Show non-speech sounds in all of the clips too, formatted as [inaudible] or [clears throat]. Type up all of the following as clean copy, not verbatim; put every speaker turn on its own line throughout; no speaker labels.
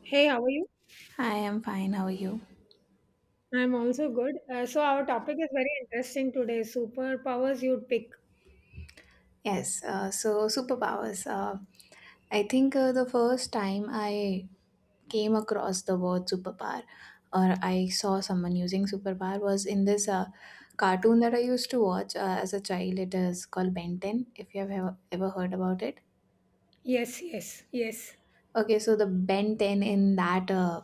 Hey, how are you?
Hi, I'm fine. How are you?
I'm also good. So, our topic is very interesting today. Superpowers you'd pick.
Yes, so superpowers. I think the first time I came across the word superpower or I saw someone using superpower was in this cartoon that I used to watch as a child. It is called Ben 10, if you have ever, ever heard about it.
Yes, yes, yes.
Okay, so the Ben 10 in that uh,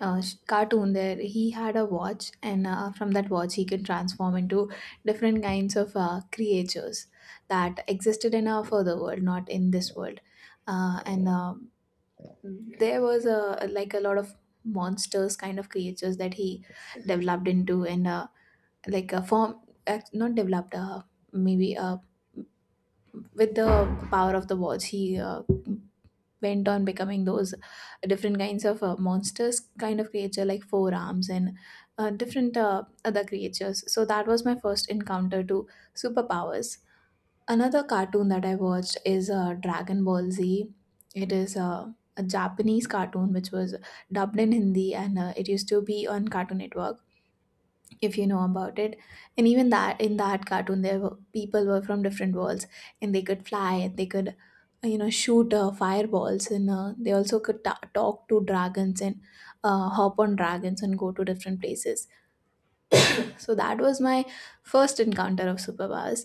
uh, sh- cartoon there he had a watch and from that watch he could transform into different kinds of creatures that existed in a further world, not in this world, and there was a, like, a lot of monsters kind of creatures that he developed into and like a form, not developed, maybe with the power of the watch he went on becoming those different kinds of monsters kind of creature, like four arms and different other creatures. So that was my first encounter to superpowers. Another cartoon that I watched is Dragon Ball Z. It is a Japanese cartoon which was dubbed in Hindi and it used to be on Cartoon Network, if you know about it. And even that, in that cartoon there were people, were from different worlds and they could fly and they could you know, shoot fireballs and they also could talk to dragons and hop on dragons and go to different places. So that was my first encounter of superpowers.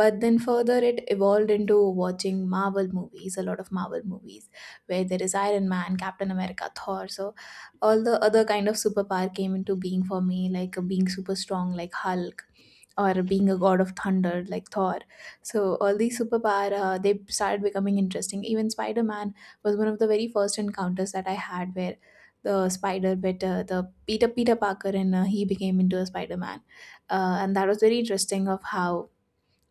But then further it evolved into watching Marvel movies, a lot of Marvel movies, where there is Iron Man, Captain America, Thor. So all the other kind of superpower came into being for me, like being super strong like Hulk, or being a god of thunder like Thor. So all these superpower, they started becoming interesting. Even Spider-Man was one of the very first encounters that I had, where the spider bit the Peter Parker and he became into a Spider Man, and that was very interesting of how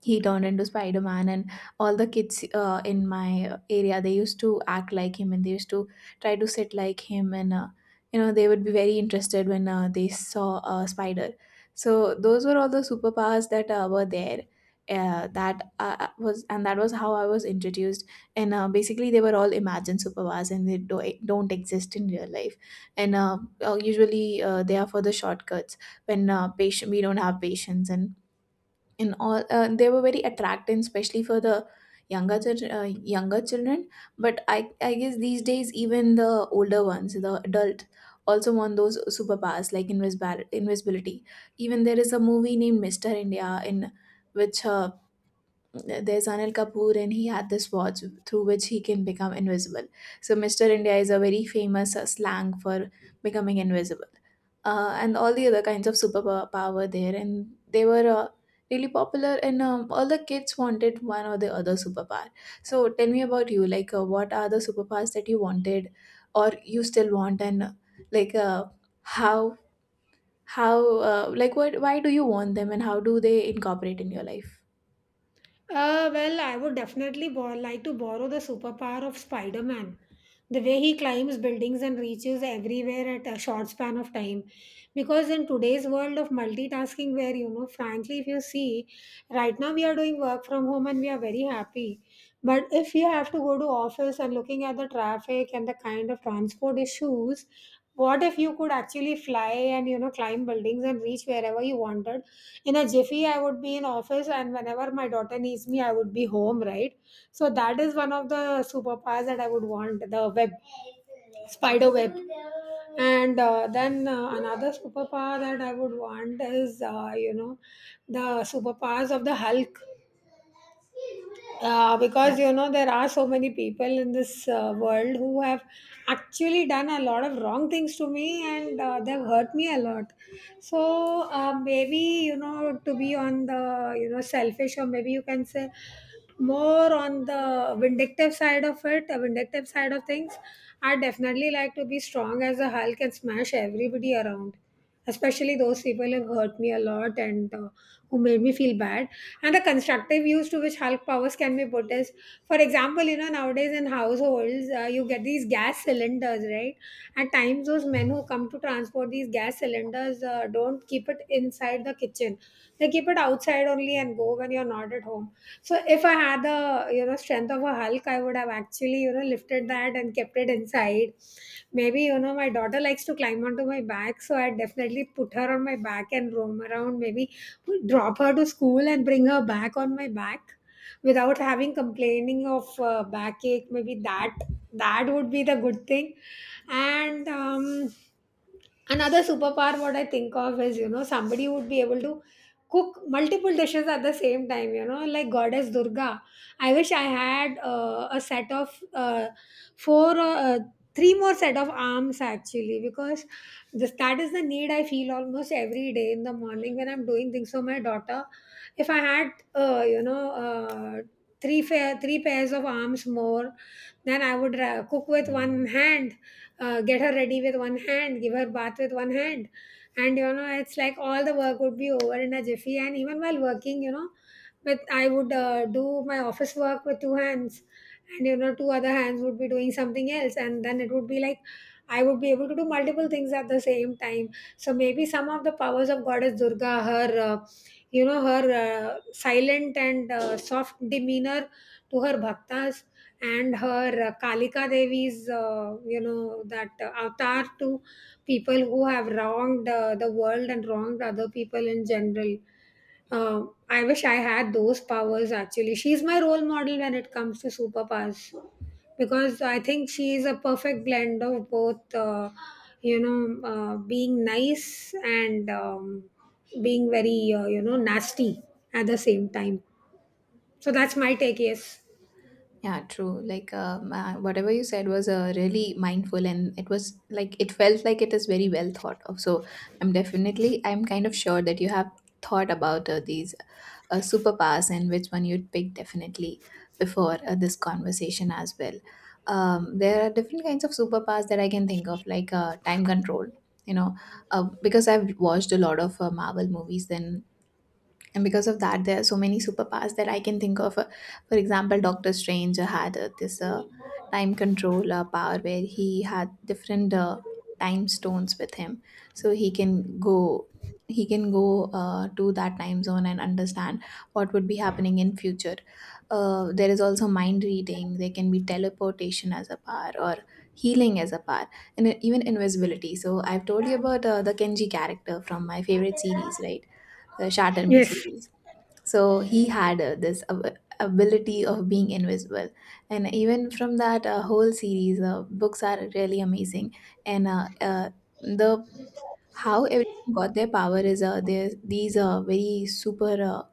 he turned into Spider-Man. And all the kids in my area, they used to act like him and they used to try to sit like him and you know, they would be very interested when they saw a spider. So those were all the superpowers that were there, that was, and that was how I was introduced. And basically they were all imagined superpowers and they don't exist in real life. And uh, uh, usually uh, they are for the shortcuts, when patient we don't have patience. And and all uh, they were very attractive, especially for the younger chil- uh, younger children. But I guess these days even the older ones, the adult, also want those superpowers, like invisibility. Even there is a movie named Mr. India, in which there's Anil Kapoor, and he had this watch through which he can become invisible. So, Mr. India is a very famous slang for becoming invisible, and all the other kinds of superpower there. And they were really popular, and all the kids wanted one or the other superpower. So, tell me about you. Like, what are the superpowers that you wanted, or you still want, and like, uh, how, how, like, what, why do you want them, and how do they incorporate in your life?
Well, I would definitely like to borrow the superpower of Spider Man. The way he climbs buildings and reaches everywhere at a short span of time. Because in today's world of multitasking, where, frankly, if you see, right now we are doing work from home and we are very happy. But if you have to go to office and looking at the traffic and the kind of transport issues, what if you could actually fly and, climb buildings and reach wherever you wanted? In a jiffy I would be in office, and whenever my daughter needs me I would be home, right? So that is one of the superpowers that I would want, the web, spider web. And then another superpower that I would want is the superpowers of the Hulk.
Yeah.
Because there are so many people in this world who have actually done a lot of wrong things to me, and they've hurt me a lot. So maybe, to be on the, selfish, or maybe you can say more on the vindictive side of it, a vindictive side of things, I definitely like to be strong as a Hulk and smash everybody around, especially those people who hurt me a lot and who made me feel bad. And the constructive use to which Hulk powers can be put is, for example, nowadays in households, you get these gas cylinders, right? At times, those men who come to transport these gas cylinders don't keep it inside the kitchen. They keep it outside only and go when you're not at home. So if I had the strength of a Hulk, I would have actually lifted that and kept it inside. Maybe my daughter likes to climb onto my back, so I definitely put her on my back and roam around. Maybe drop her to school and bring her back on my back without having complaining of backache. Maybe that would be the good thing. And another superpower what I think of is, somebody would be able to cook multiple dishes at the same time, like Goddess Durga. I wish I had a set of four or three more set of arms, actually, because this that is the need I feel almost every day in the morning when I'm doing things for my daughter. If I had uh, you know uh, three three pairs of arms more, then I would cook with one hand, get her ready with one hand, give her bath with one hand, and it's like all the work would be over in a jiffy. And even while working, with I would do my office work with two hands, and two other hands would be doing something else, and then it would be like I would be able to do multiple things at the same time. So maybe some of the powers of Goddess Durga, her her silent and soft demeanor to her bhaktas, and her Kalika Devi's that avatar to people who have wronged the world and wronged other people in general. I wish I had those powers, actually. She's my role model when it comes to superpowers because I think she is a perfect blend of both, being nice, and being very, nasty at the same time. So that's my take, yes.
Yeah, true. Like, whatever you said was really mindful, and it was like, it felt like it is very well thought of. So, I'm kind of sure that you have thought about these superpowers and which one you'd pick, definitely, before this conversation as well. There are different kinds of superpowers that I can think of, like time control. You know, because I've watched a lot of Marvel movies, then and because of that there are so many superpowers that I can think of. For example, Doctor Strange had this time control power, where he had different time stones with him, so he can go, he can go to that time zone and understand what would be happening in future. There is also mind reading, there can be teleportation as a power, or healing as a power, and even invisibility. So I've told you about the Kenji character from my favorite series, right, the Shatter Me
Yes.
series. So he had this ability of being invisible. And even from that whole series, books are really amazing. And The how everyone got their power is there's these very super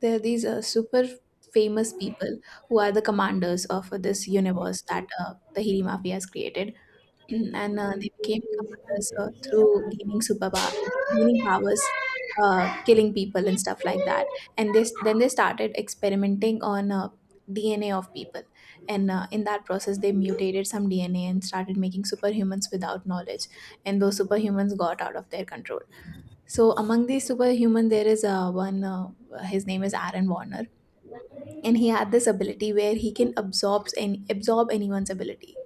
there are these super famous people who are the commanders of this universe that the Hiri Mafia has created. [clears throat] And they became commanders through gaining superpower, gaining powers, killing people and stuff like that. And this, then they started experimenting on DNA of people, and in that process they mutated some DNA and started making superhumans without knowledge, and those superhumans got out of their control. So among these superhuman, there is one. His name is Aaron Warner, and he had this ability where he can absorb anyone's ability.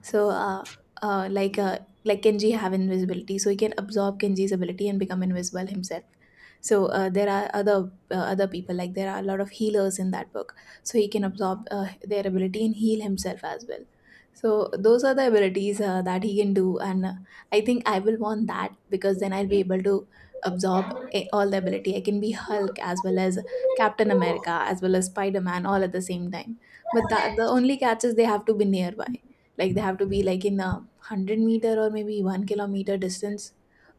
So, uh, like uh, like Kenji have invisibility, so he can absorb Kenji's ability and become invisible himself. So there are other people, like there are a lot of healers in that book, so he can absorb their ability and heal himself as well. So those are the abilities that he can do, and I think I will want that, because then I'll be able to absorb all the ability. I can be Hulk as well as Captain America as well as Spider Man all at the same time. But that, the only catch is they have to be nearby, like they have to be like in a 100 meter or maybe 1 kilometer distance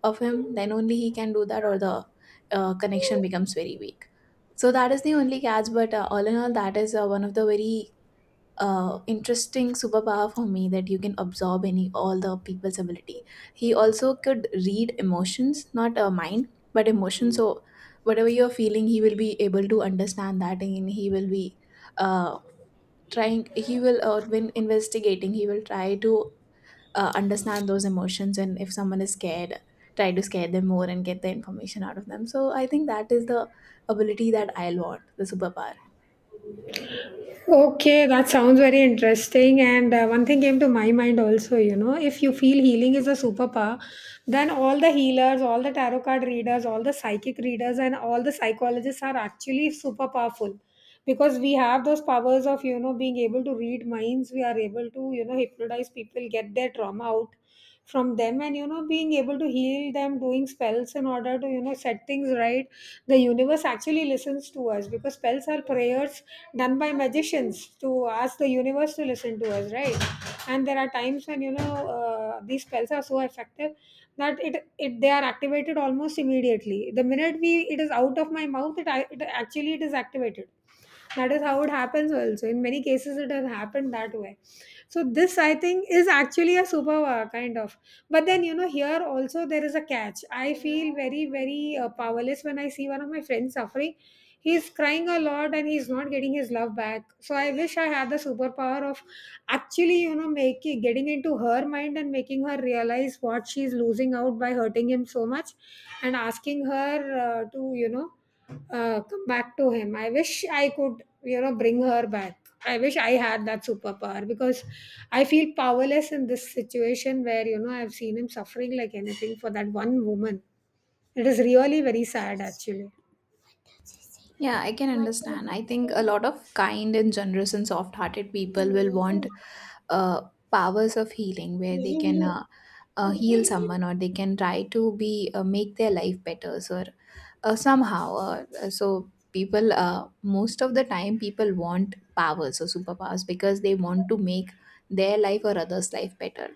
of him, then only he can do that, or the connection becomes very weak. So that is the only catch, but all in all, that is one of the very interesting superpower for me, that you can absorb any all the people's ability. He also could read emotions, not mind but emotion, so whatever you're feeling, he will be able to understand that, and he will be uh, trying he will when investigating, he will try to understand those emotions, and if someone is scared, try to scare them more and get the information out of them. So I think that is the ability that I'll want, the superpower.
Okay, that sounds very interesting. And one thing came to my mind also, if you feel healing is a superpower, then all the healers, all the tarot card readers, all the psychic readers, and all the psychologists are actually super powerful, because we have those powers of, being able to read minds. We are able to, hypnotize people, get their trauma out from them, and being able to heal them, doing spells in order to set things right. The universe actually listens to us, because spells are prayers done by magicians to ask the universe to listen to us, right? And there are times when these spells are so effective that it they are activated almost immediately, the minute we it is out of my mouth. It Actually it is activated. That is how it happens also. In many cases it has happened that way. So this I think is actually a superpower kind of. But then, here also there is a catch. I feel very, very powerless when I see one of my friends suffering. He's crying a lot and he's not getting his love back, so I wish I had the superpower of actually, making getting into her mind and making her realize what she's losing out by hurting him so much, and asking her, to come back to him. I wish I could, bring her back. I wish I had that superpower because I feel powerless in this situation where, I've seen him suffering like anything for that one woman. It is really very sad, actually.
Yeah, I can understand. I think a lot of kind and generous and soft hearted people will want uh, powers of healing, where they can heal someone, or they can try to be, make their life better. So somehow so people, most of the time people want powers or superpowers because they want to make their life or others life better,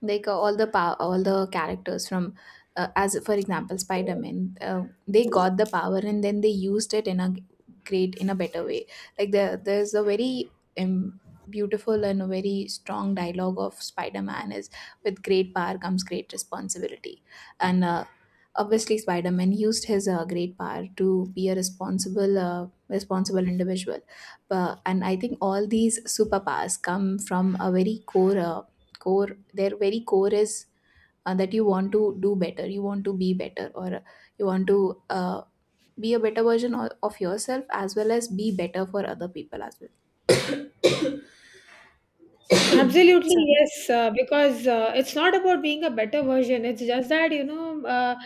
like all the characters from as for example Spider-Man, they got the power and then they used it in a great, in a better way. Like there's a very um, beautiful and a very strong dialogue of Spider-Man is, with great power comes great responsibility. And obviously Spider-Man used his great power to be a responsible individual. But, and I think all these superpowers come from a very core, their very core is that you want to do better, you want to be better, or you want to uh, be a better version of yourself, as well as be better for other people as well.
Absolutely,
So
yes, because it's not about being a better version. It's just that,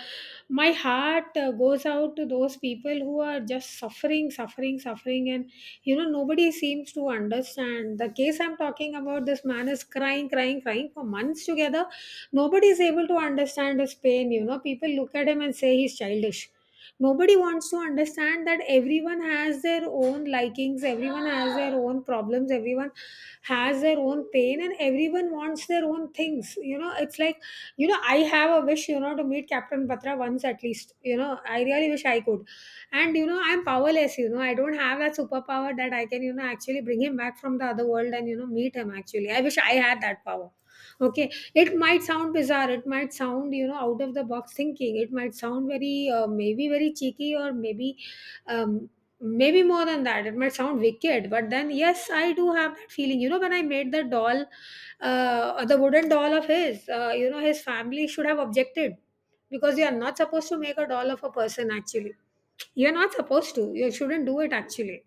my heart goes out to those people who are just suffering, suffering, suffering. And, nobody seems to understand. The case I'm talking about, this man is crying, crying, crying for months together. Nobody is able to understand his pain. People look at him and say he's childish. Nobody wants to understand that everyone has their own likings, everyone has their own problems, everyone has their own pain, and everyone wants their own things. It's like, I have a wish, to meet Captain Patra once at least. I really wish I could. And I'm powerless. I don't have that superpower that I can, actually bring him back from the other world and, meet him, actually. I wish I had that power. Okay, it might sound bizarre. It might sound, out of the box thinking. It might sound very, maybe very cheeky, or maybe, um, maybe more than that. It might sound wicked. But then, yes, I do have that feeling. When I made the doll, the wooden doll of his, his family should have objected because you are not supposed to make a doll of a person. Actually, you are not supposed to. You shouldn't do it. Actually,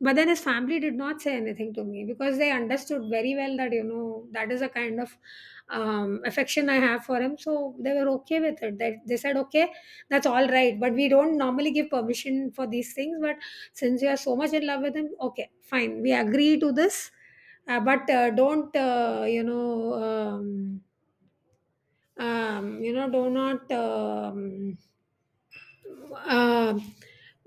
but then his family did not say anything to me because they understood very well that, that is a kind of affection I have for him. So they were okay with it. They said, okay, that's all right. But we don't normally give permission for these things. But since you are so much in love with him, okay, fine. We agree to this. But don't, do not. Uh,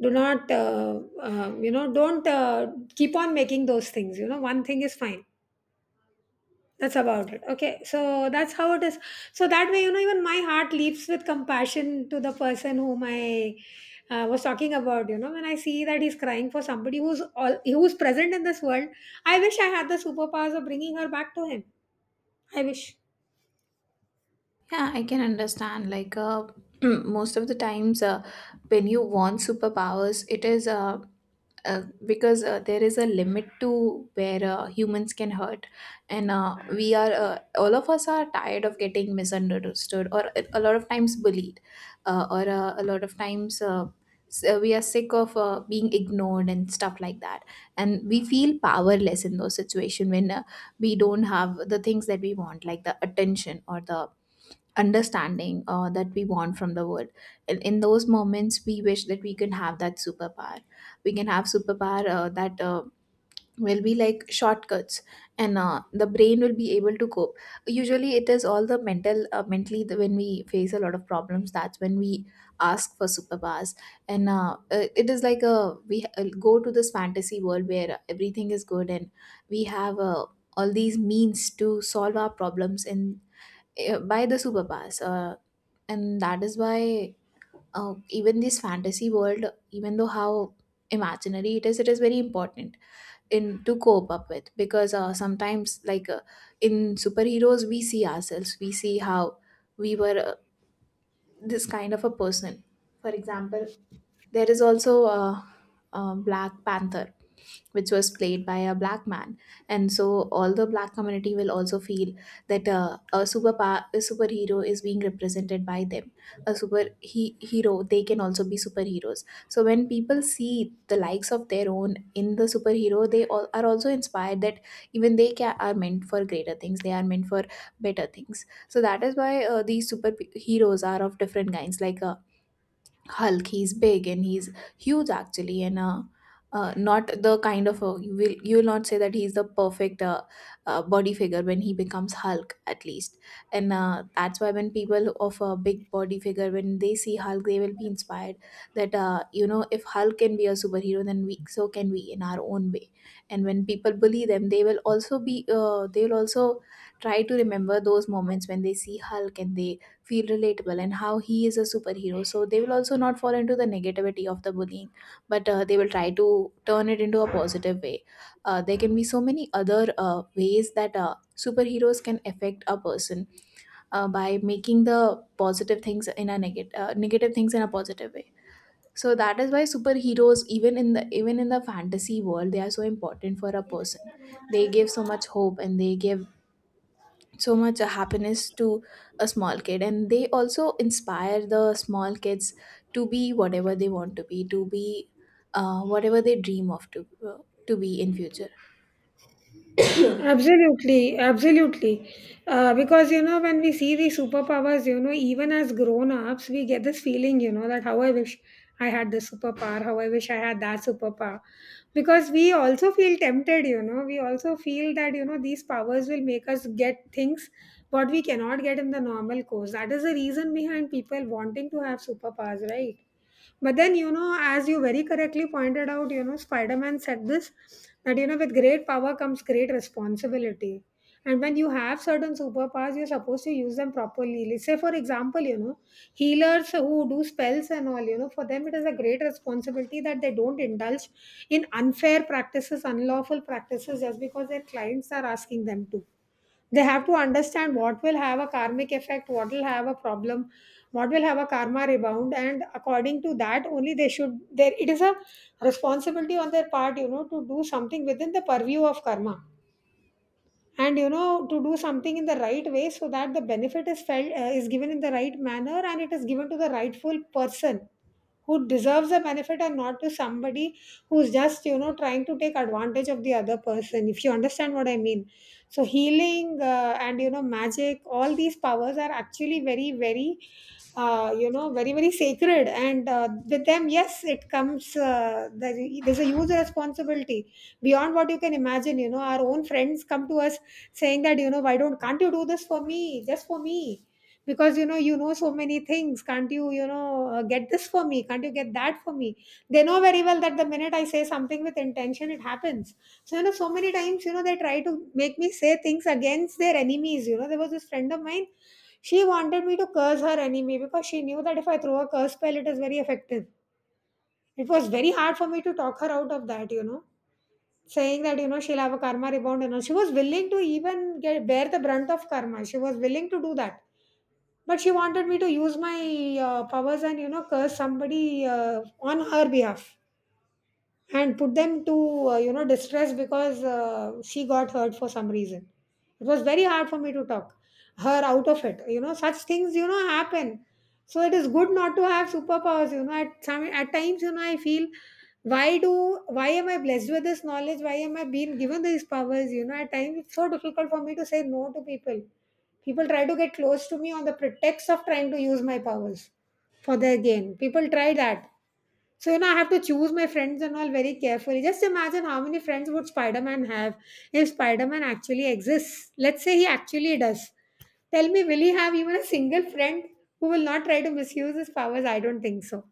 do not don't keep on making those things. One thing is fine. That's about it. Okay, so that's how it is. So that way, even my heart leaps with compassion to the person whom I was talking about. When I see that he's crying for somebody who's all who's present in this world, I wish I had the superpowers of bringing her back to him. I wish.
yeah, I can understand. Like, [clears throat] most of the times, when you want superpowers, it is because there is a limit to where humans can hurt, and we are all of us are tired of getting misunderstood, or a lot of times bullied, or a lot of times we are sick of being ignored and stuff like that. And we feel powerless in those situations when we don't have the things that we want, like the attention or the understanding that we want from the world. In those moments we wish that we can have that superpower. We can have superpower that will be like shortcuts, and the brain will be able to cope. Usually it is all the mental, mentally, the, when we face a lot of problems, that's when we ask for superpowers. And it is like a, we go to this fantasy world where everything is good and we have all these means to solve our problems and by the superpowers and that is why even this fantasy world, even though how imaginary it is, it is very important in to cope up with, because sometimes in superheroes we see ourselves, we see how we were this kind of a person. For example, there is also a Black Panther, which was played by a black man, and so all the black community will also feel that a superhero is being represented by them. A hero, they can also be superheroes. So when people see the likes of their own in the superhero, they all are also inspired that even they are meant for greater things. They are meant for better things. So that is why these superheroes are of different kinds, like. Hulk. He's big and he's huge actually, and not the kind of you will not say that he's the perfect body figure when he becomes Hulk at least, and that's why when people of a big body figure, when they see Hulk, they will be inspired that you know, if Hulk can be a superhero, then we so can we in our own way. And when people bully them, they will also be they will also try to remember those moments when they see Hulk and they feel relatable and how he is a superhero. So they will also not fall into the negativity of the bullying, but they will try to turn it into a positive way. There can be so many other ways that superheroes can affect a person, by making the positive things in a negative things in a positive way. So that is why superheroes, even in the fantasy world, they are so important for a person. They give so much hope and they give so much happiness to a small kid, and they also inspire the small kids to be whatever they want to be whatever they dream of to be in future.
Absolutely, absolutely. Because, when we see these superpowers, even as grown ups, we get this feeling, that how I wish I had this superpower, how I wish I had that superpower. Because we also feel tempted, we also feel that, these powers will make us get things what we cannot get in the normal course. That is the reason behind people wanting to have superpowers, right? But then, as you very correctly pointed out, Spider Man said this that, with great power comes great responsibility. And when you have certain superpowers, you're supposed to use them properly. Let's say, for example, healers who do spells and all, for them it is a great responsibility that they don't indulge in unfair practices, unlawful practices just because their clients are asking them to. They have to understand what will have a karmic effect, what will have a problem, what will have a karma rebound, and according to that only they should. There it is a responsibility on their part, to do something within the purview of karma, and to do something in the right way so that the benefit is felt is given in the right manner and it is given to the rightful person who deserves a benefit and not to somebody who's just. Trying to take advantage of the other person, if you understand what I mean. So healing and magic, all these powers are actually very very very sacred, and with them, yes, it comes there's a huge responsibility beyond what you can imagine. You know, our own friends come to us saying that, you know why don't can't you do this for me, just for me, because you know so many things, can't you, you know get this for me, can't you get that for me? They know very well that the minute I say something with intention, it happens. So, so many times, they try to make me say things against their enemies. You know, there was this friend of mine, she wanted me to curse her enemy because she knew that if I throw a curse spell, it is very effective. It was very hard for me to talk her out of that, you know, saying that, she'll have a karma rebound and all. She was willing to even get bear the brunt of karma. She was willing to do that, but she wanted me to use my powers and, curse somebody on her behalf and put them to, distress, because she got hurt for some reason. It was very hard for me to talk her out of it. You know, such things, happen. So it is good not to have superpowers. You know, at times, I feel, why am I blessed with this knowledge? Why am I being given these powers? You know, at times it's so difficult for me to say no to people. People try to get close to me on the pretext of trying to use my powers for their gain. People try that. So, I have to choose my friends and all very carefully. Just imagine how many friends would Spider Man have if Spider Man actually exists. Let's say he actually does. Tell me, will he have even a single friend who will not try to misuse his powers? I don't think so.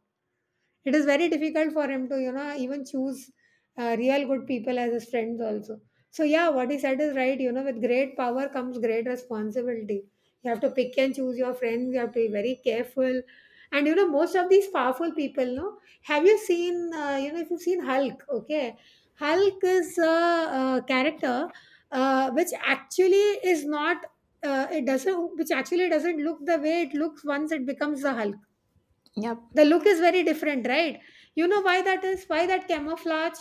It is very difficult for him to, even choose real good people as his friends also. So yeah, what he said is right. You know, with great power comes great responsibility. You have to pick and choose your friends. You have to be very careful. And most of these powerful people, no. Have you seen? If you've seen Hulk, okay, Hulk is a, character which actually is not. It doesn't, Which actually doesn't look the way it looks once it becomes the Hulk.
Yeah.
The look is very different, right? You know why that is, why that camouflage?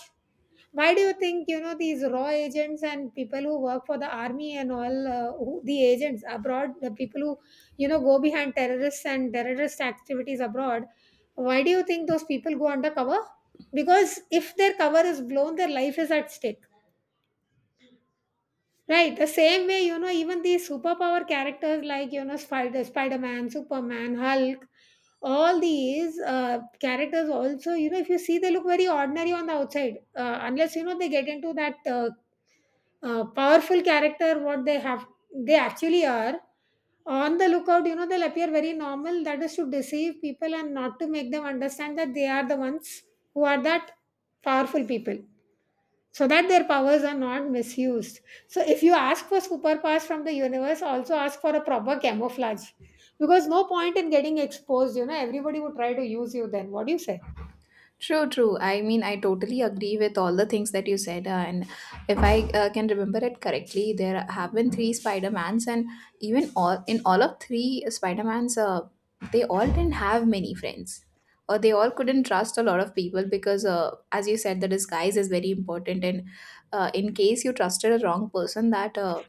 Why do you think, these raw agents and people who work for the army and all, the agents abroad, the people who, go behind terrorists and terrorist activities abroad, why do you think those people go undercover? Because if their cover is blown, their life is at stake. Right. The same way, even these superpower characters like, Spider-Man, Superman, Hulk, all these characters also, if you see, they look very ordinary on the outside, unless they get into that powerful character what they have, they actually are. On the lookout, they'll appear very normal. That is to deceive people and not to make them understand that they are the ones who are that powerful people, so that their powers are not misused. So if you ask for superpowers from the universe, also ask for a proper camouflage, because no point in getting exposed. You know, everybody would try to use you. Then what do you say?
True, true. I mean, I totally agree with all the things that you said. And if I can remember it correctly, there have been three Spider-Mans, and even all in all of three Spider-Mans, they all didn't have many friends, or they all couldn't trust a lot of people because, as you said, the disguise is very important. And in case you trusted a wrong person, that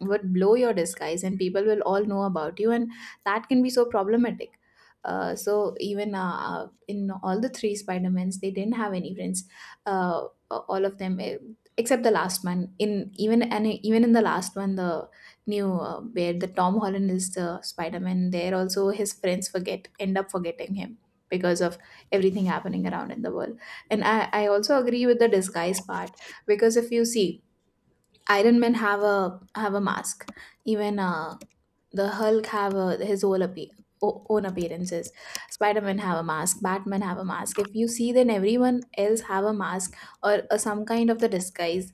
would blow your disguise and people will all know about you, and that can be so problematic. Uh, so even in all the three spider-mans they didn't have any friends, uh, all of them, except the last one. In even and even in the last one, the new where the tom holland is the spider-man, there also his friends forget end up forgetting him because of everything happening around in the world. I also agree with the disguise part, because if you see, Iron Man have a mask. Even the Hulk have his o- own appearances. Spider Man have a mask. Batman have a mask. If you see, then everyone else have a mask or some kind of the disguise,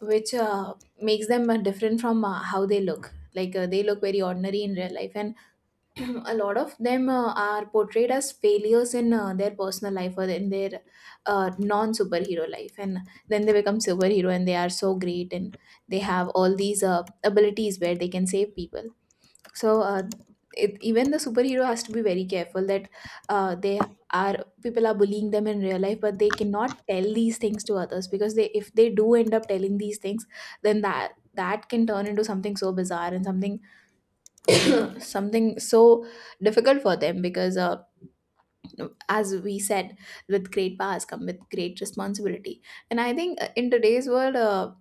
which makes them different from how they look. Like they look very ordinary in real life, and [clears throat] a lot of them are portrayed as failures in their personal life or in their non superhero life, and then they become superhero and they are so great and they have all these abilities where they can save people. so uh, Even the superhero has to be very careful that they are people are bullying them in real life, but they cannot tell these things to others, because they if they do end up telling these things, then that can turn into something so bizarre and something [coughs] [clears throat] something so difficult for them, because as we said, with great powers come with great responsibility. And I think in today's world,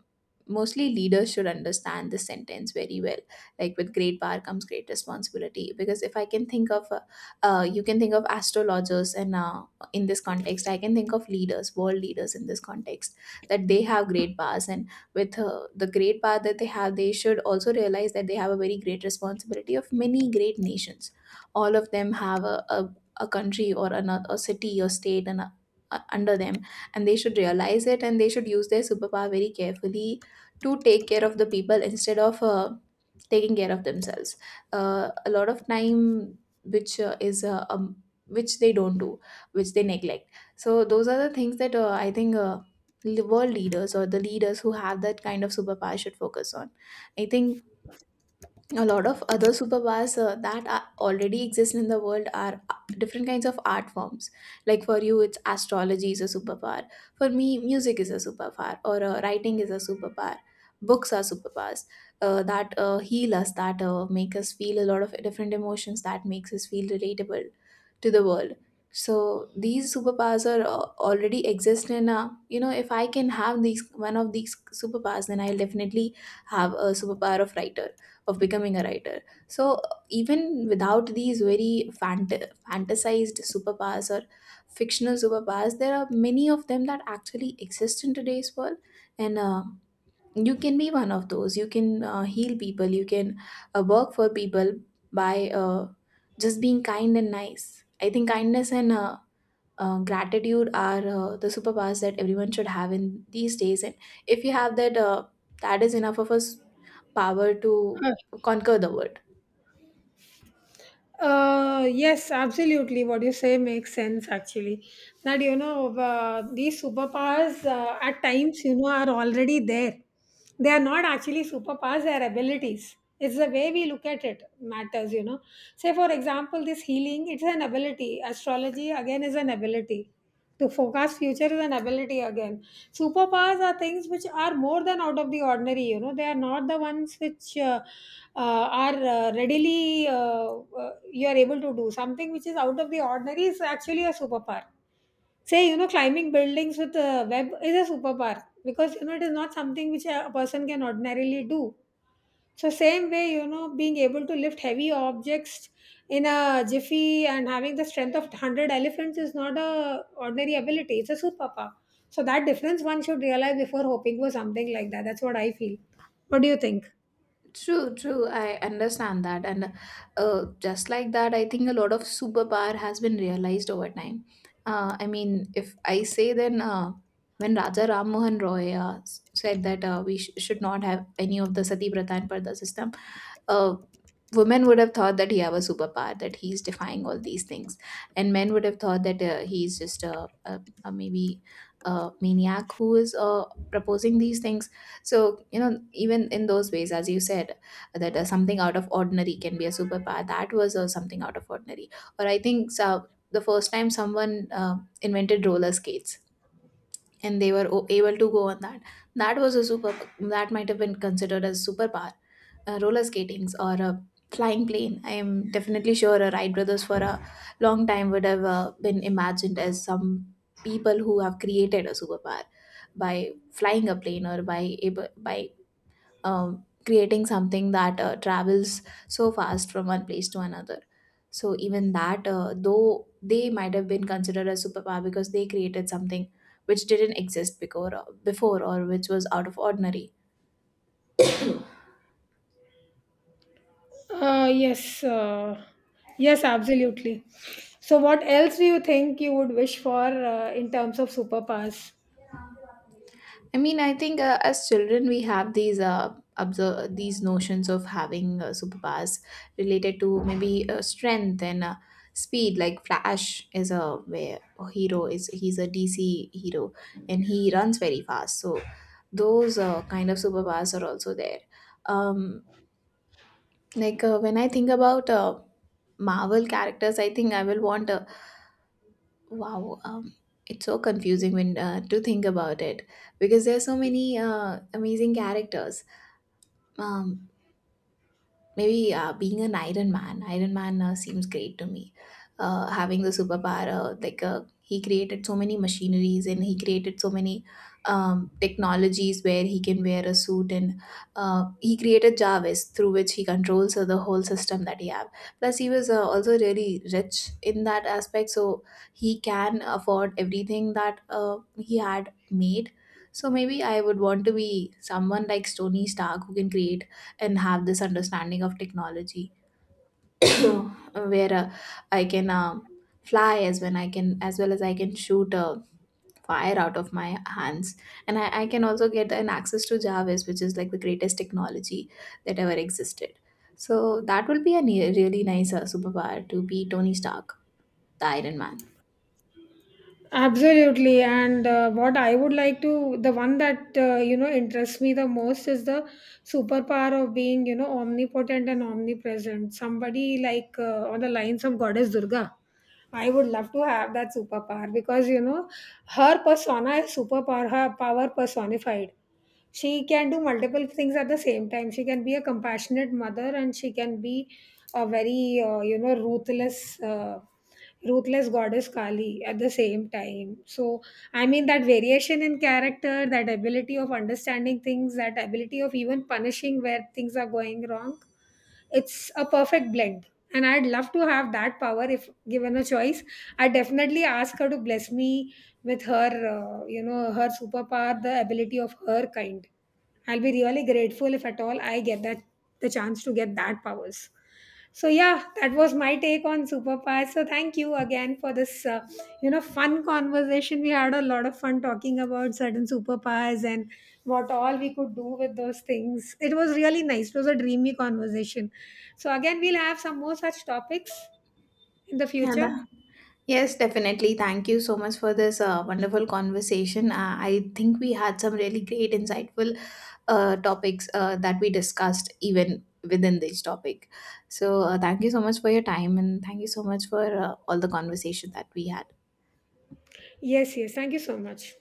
mostly leaders should understand this sentence very well, like, with great power comes great responsibility. Because if I can think of you can think of astrologers, and in this context I can think of leaders world leaders in this context, that they have great powers, and with the great power that they have, they should also realize that they have a very great responsibility of many great nations. All of them have a country or another, a city or state, and under them, and they should realize it, and they should use their superpower very carefully to take care of the people, instead of taking care of themselves a lot of time, which is which they don't do, which they neglect. So those are the things that I think, world leaders or the leaders who have that kind of superpower should focus on. I think a lot of other superpowers that are already exist in the world are different kinds of art forms. Like for you it's astrology is a superpower, for me music is a superpower, or writing is a superpower, books are superpowers that heal us, that make us feel a lot of different emotions, that makes us feel relatable to the world. So these superpowers are already exist in, you know, if I can have these one of these superpowers, then I'll definitely have a superpower of writer of becoming a writer. So even without these fantasized superpowers or fictional superpowers, there are many of them that actually exist in today's world, and you can be one of those. You can heal people. You can work for people by just being kind and nice. I think kindness and gratitude are the superpowers that everyone should have in these days, and if you have that, that is enough of us power to conquer the world.
Yes, absolutely. What you say makes sense, actually. That, these superpowers at times, are already there. They are not actually superpowers, they are abilities. It's the way we look at it matters, you know. Say, for example, this healing, it's an ability. Astrology, again, is an ability. To forecast future is an ability again. Superpowers are things which are more than out of the ordinary. You know, they are not the ones which are readily you are able to do. Something which is out of the ordinary is actually a superpower. Say, climbing buildings with a web is a superpower because you know it is not something which a person can ordinarily do. So same way, being able to lift heavy objects in a jiffy and having the strength of 100 elephants is not a ordinary ability. It's a superpower. So that difference one should realize before hoping for something like that. That's what I feel. What do you think?
True, true. I understand that. And just like that, I think a lot of superpower has been realized over time. I mean, if I say then, when Raja Ram Mohan Roy said that we should not have any of the sati pratha and pardha system, uh, women would have thought that he have a superpower, that he's defying all these things. And men would have thought that he's just a maybe a maniac who is proposing these things. So you know, even in those ways, as you said, that something out of ordinary can be a superpower. That was something out of ordinary. Or I think so, the first time someone invented roller skates and they were able to go on that, that was a super that might have been considered as superpower. Roller skatings, or a flying plane, I am definitely sure a wright brothers for a long time would have been imagined as some people who have created a superpower, by flying a plane, or by able, by creating something that travels so fast from one place to another. So even that, though they might have been considered a superpower because they created something which didn't exist before, or which was out of ordinary.
Uh, yes, uh, yes, absolutely. So what else do you think you would wish for in terms of superpowers?
I mean, I think as children we have these observe these notions of having superpowers related to maybe strength and speed. Like Flash is a hero. Is He's a DC hero and he runs very fast. So those kind of superpowers are also there. Um, like when I think about Marvel characters, I think I will want a wow. It's so confusing when to think about it, because there are so many amazing characters. um, Maybe being an Iron Man. Iron Man seems great to me. Having the superpower, he created so many machineries and he created so many technologies where he can wear a suit, and he created Jarvis through which he controls the whole system that he have. Plus, he was also really rich in that aspect, so he can afford everything that he had made. So maybe I would want to be someone like Tony Stark who can create and have this understanding of technology. [clears throat] [coughs] So where I can fly as when I can as well as I can shoot fire out of my hands, and I can also get an access to jarvis, which is like the greatest technology that ever existed. So that will be a really nice superpower, to be tony stark, the iron man.
Absolutely, and what I would like to, the one that interests me the most is the superpower of being omnipotent and omnipresent. Somebody like on the lines of Goddess Durga. I would love to have that superpower because her persona is superpower, her power personified. She can do multiple things at the same time. She can be a compassionate mother and she can be a very ruthless Goddess Kali at the same time. So I mean, that variation in character, that ability of understanding things, that ability of even punishing where things are going wrong, it's a perfect blend. And I'd love to have that power if given a choice. I definitely ask her to bless me with her, her superpower, the ability of her kind. I'll be really grateful if at all I get that the chance to get that powers. So yeah, that was my take on superpowers. So thank you again for this, fun conversation. We had a lot of fun talking about certain superpowers and what all we could do with those things. It was really nice. It was a dreamy conversation. So again, we'll have some more such topics in the
yeah,
future.
that- yes, definitely. Thank you so much for this wonderful conversation. I think we had some really great, insightful topics that we discussed even within this topic. So, thank you so much for your time, and thank you so much for all the conversation that we had.
Yes, yes. Thank you so much.